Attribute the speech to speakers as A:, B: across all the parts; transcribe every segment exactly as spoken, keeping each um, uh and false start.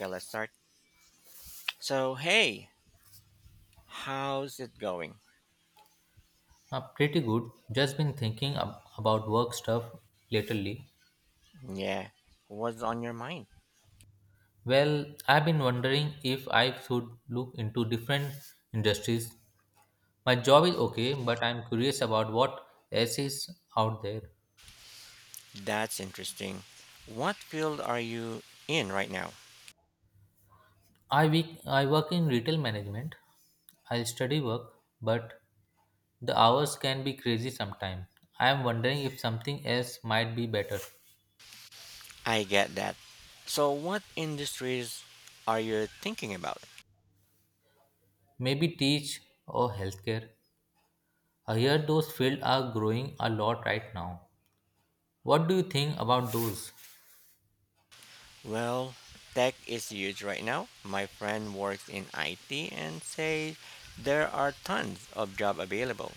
A: Okay, let's start. So, hey, how's it going?
B: Uh, pretty good. Just been thinking ab- about work stuff lately.
A: Yeah, what's on your mind?
B: Well, I've been wondering if I should look into different industries. My job is okay, but I'm curious about what else is out there.
A: That's interesting. What field are you in right now?
B: I week I work in retail management. I study work, but the hours can be crazy sometimes. I am wondering if something else might be better.
A: I get that. So, what industries are you thinking about?
B: Maybe teach or healthcare. I hear those fields are growing a lot right now. What do you think about those?
A: Well, tech is huge right now. My friend works in I T and says there are tons of job available.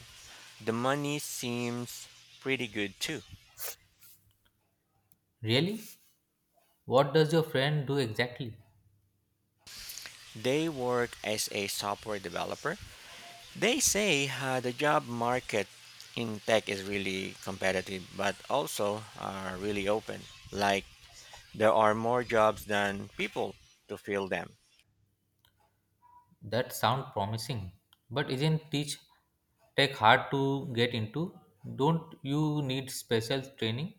A: The money seems pretty good too.
B: Really? What does your friend do exactly?
A: They work as a software developer. They say uh, the job market in tech is really competitive, but also uh, really open. Like there are more jobs than people to fill them.
B: That sounds promising. But isn't teach tech hard to get into? Don't you need special training?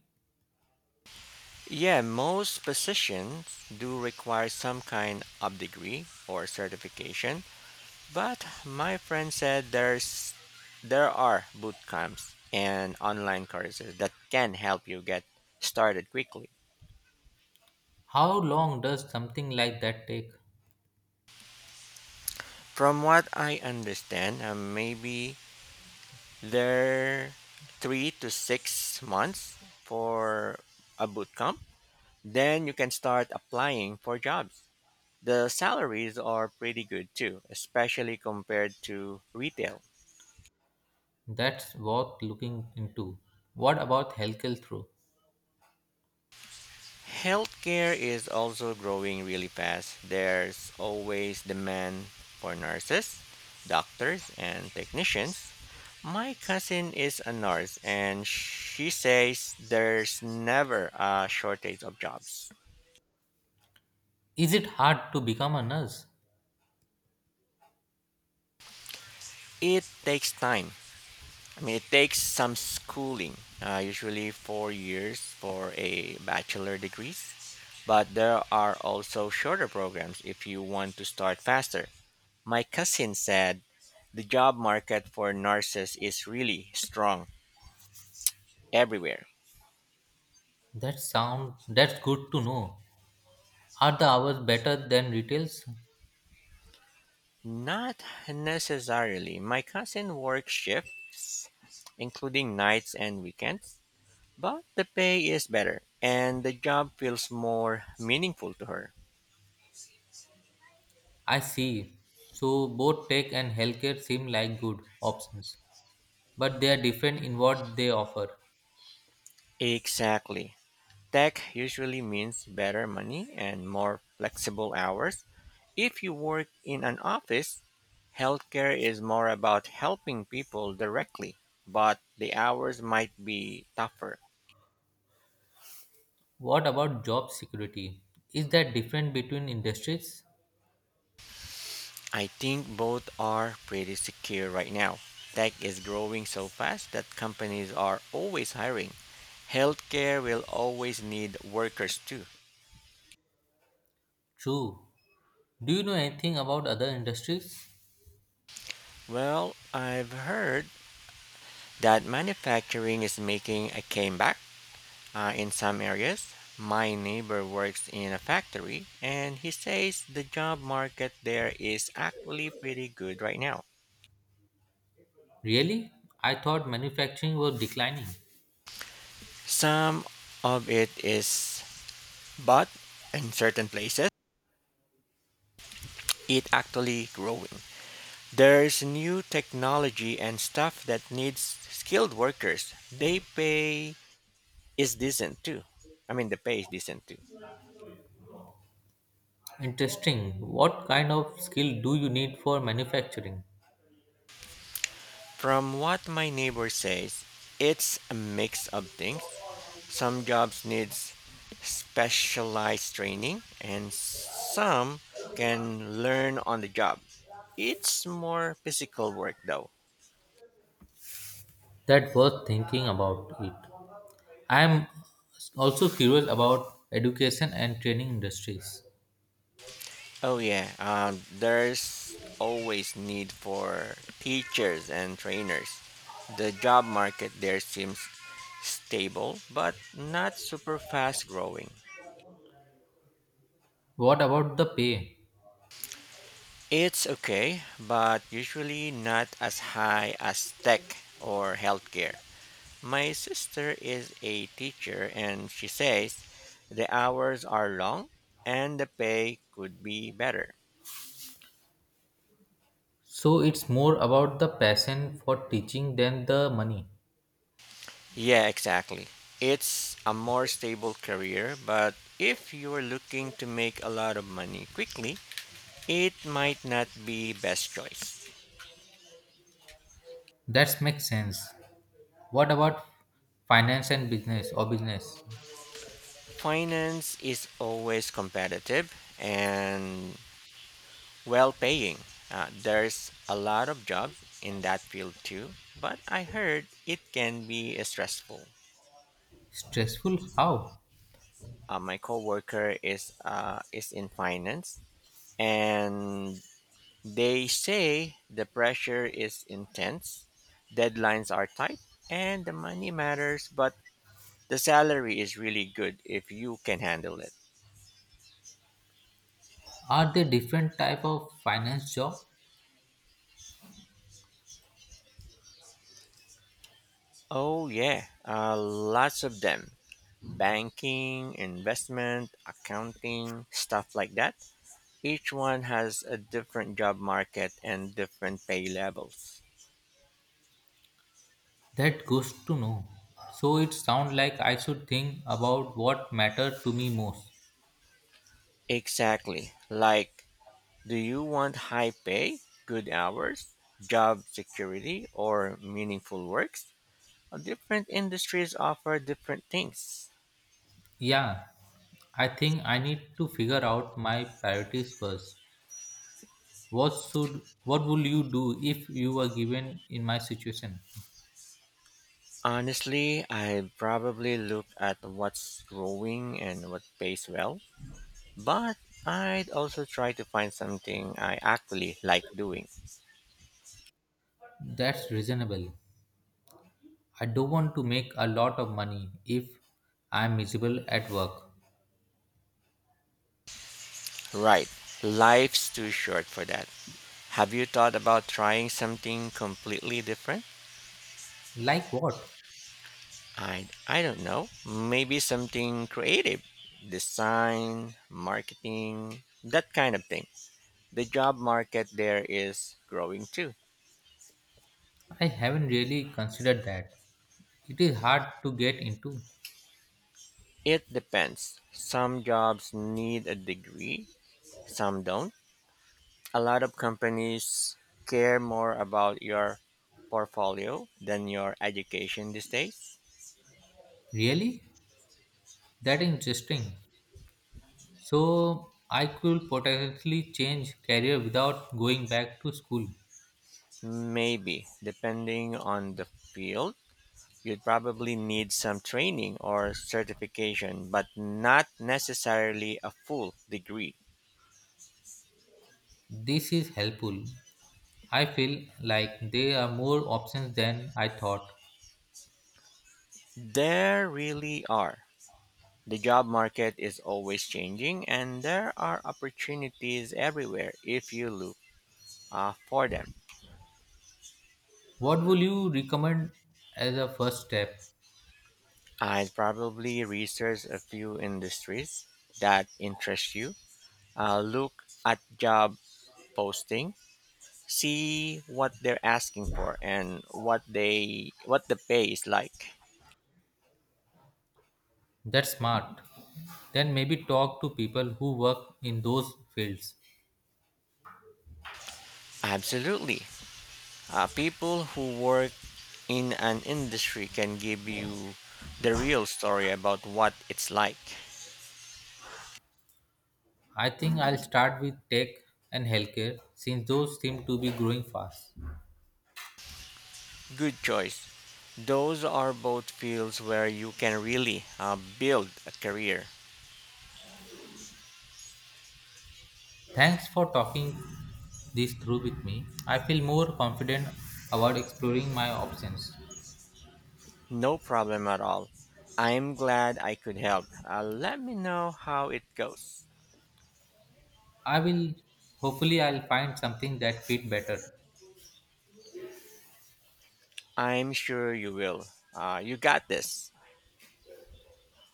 A: Yeah, most positions do require some kind of degree or certification, but my friend said there's there are boot camps and online courses that can help you get started quickly.
B: How long does something like that take?
A: From what I understand, uh, maybe They're three to six months for a boot camp. Then you can start applying for jobs. The salaries are pretty good too, especially compared to retail.
B: That's worth looking into. What about healthcare through?
A: Healthcare is also growing really fast. There's always demand for nurses, doctors, and technicians. My cousin is a nurse and she says there's never a shortage of jobs.
B: Is it hard to become a nurse?
A: It takes time I mean, It takes some schooling, uh, usually four years for a bachelor degrees, but there are also shorter programs if you want to start faster. My cousin said the job market for nurses is really strong everywhere.
B: That sound that's good to know. Are the hours better than retails?
A: Not necessarily. My cousin works shift, including nights and weekends, but the pay is better and the job feels more meaningful to her.
B: I see. So both tech and healthcare seem like good options, but they are different in what they offer.
A: Exactly. Tech usually means better money and more flexible hours. If you work in an office, healthcare is more about helping people directly, but the hours might be tougher.
B: What about job security? Is that different between industries?
A: I think both are pretty secure right now. Tech is growing so fast that companies are always hiring. Healthcare will always need workers too.
B: True. Do you know anything about other industries?
A: Well, I've heard that manufacturing is making a comeback. Uh, in some areas, my neighbor works in a factory and he says the job market there is actually pretty good right now.
B: Really? I thought manufacturing was declining.
A: Some of it is, but in certain places, it actually growing. There's new technology and stuff that needs skilled workers. They pay is decent too. I mean, the pay is decent too.
B: Interesting. What kind of skill do you need for manufacturing?
A: From what my neighbor says, it's a mix of things. Some jobs needs specialized training and some can learn on the job. It's more physical work though.
B: That worth thinking about it. I am also curious about education and training industries.
A: Oh yeah, um, there's always need for teachers and trainers. The job market there seems stable but not super fast growing.
B: What about the pay?
A: It's okay, but usually not as high as tech or healthcare. My sister is a teacher and she says the hours are long and the pay could be better.
B: So it's more about the passion for teaching than the money.
A: Yeah, exactly. It's a more stable career, but if you're looking to make a lot of money quickly, it might not be best choice.
B: That makes sense. What about finance and business or business?
A: Finance is always competitive and well paying. Uh, there's a lot of jobs in that field too, but I heard it can be uh, stressful.
B: Stressful? How?
A: Uh, my coworker is uh, is in finance, and they say the pressure is intense, deadlines are tight, and the money matters, but the salary is really good if you can handle it.
B: Are they different type of finance job?
A: Oh yeah, uh, lots of them. Banking, investment, accounting, stuff like that. Each one has a different job market and different pay levels.
B: That goes to know. So it sounds like I should think about what matter to me most.
A: Exactly. Like, do you want high pay, good hours, job security, or meaningful works? Different industries offer different things.
B: Yeah, I think I need to figure out my priorities first. What should what would you do if you were given in my situation?
A: Honestly, I'd probably look at what's growing and what pays well, but I'd also try to find something I actually like doing.
B: That's reasonable. I don't want to make a lot of money if I'm miserable at work.
A: Right, life's too short for that. Have you thought about trying something completely different?
B: Like what?
A: I I don't know. Maybe something creative, design, marketing, that kind of thing. The job market there is growing too.
B: I haven't really considered that. It is hard to get into.
A: It depends. Some jobs need a degree, some don't. A lot of companies care more about your portfolio than your education these days.
B: Really? That interesting. So I could potentially change career without going back to school.
A: Maybe, depending on the field. You'd probably need some training or certification, but not necessarily a full degree.
B: This is helpful. I feel like there are more options than I thought.
A: There really are. The job market is always changing, and there are opportunities everywhere if you look uh, for them.
B: What would you recommend as a first step?
A: I'd probably research a few industries that interest you, uh, look at job posting, see what they're asking for, and what they what the pay is like.
B: That's smart. Then maybe talk to people who work in those fields.
A: Absolutely. Uh, people who work in an industry can give you the real story about what it's like.
B: I think I'll start with tech and healthcare since those seem to be growing fast.
A: Good choice. Those are both fields where you can really uh, build a career.
B: Thanks for talking this through with me. I feel more confident about exploring my options.
A: No problem at all. I'm glad I could help. Uh, let me know how it goes.
B: I will Hopefully I'll find something that fit better.
A: I'm sure you will. Uh, you got this.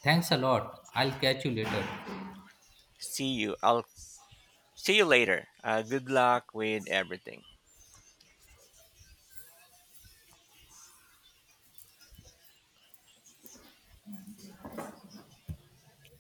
B: Thanks a lot. I'll catch you later.
A: See you. I'll see you later. Uh, good luck with everything.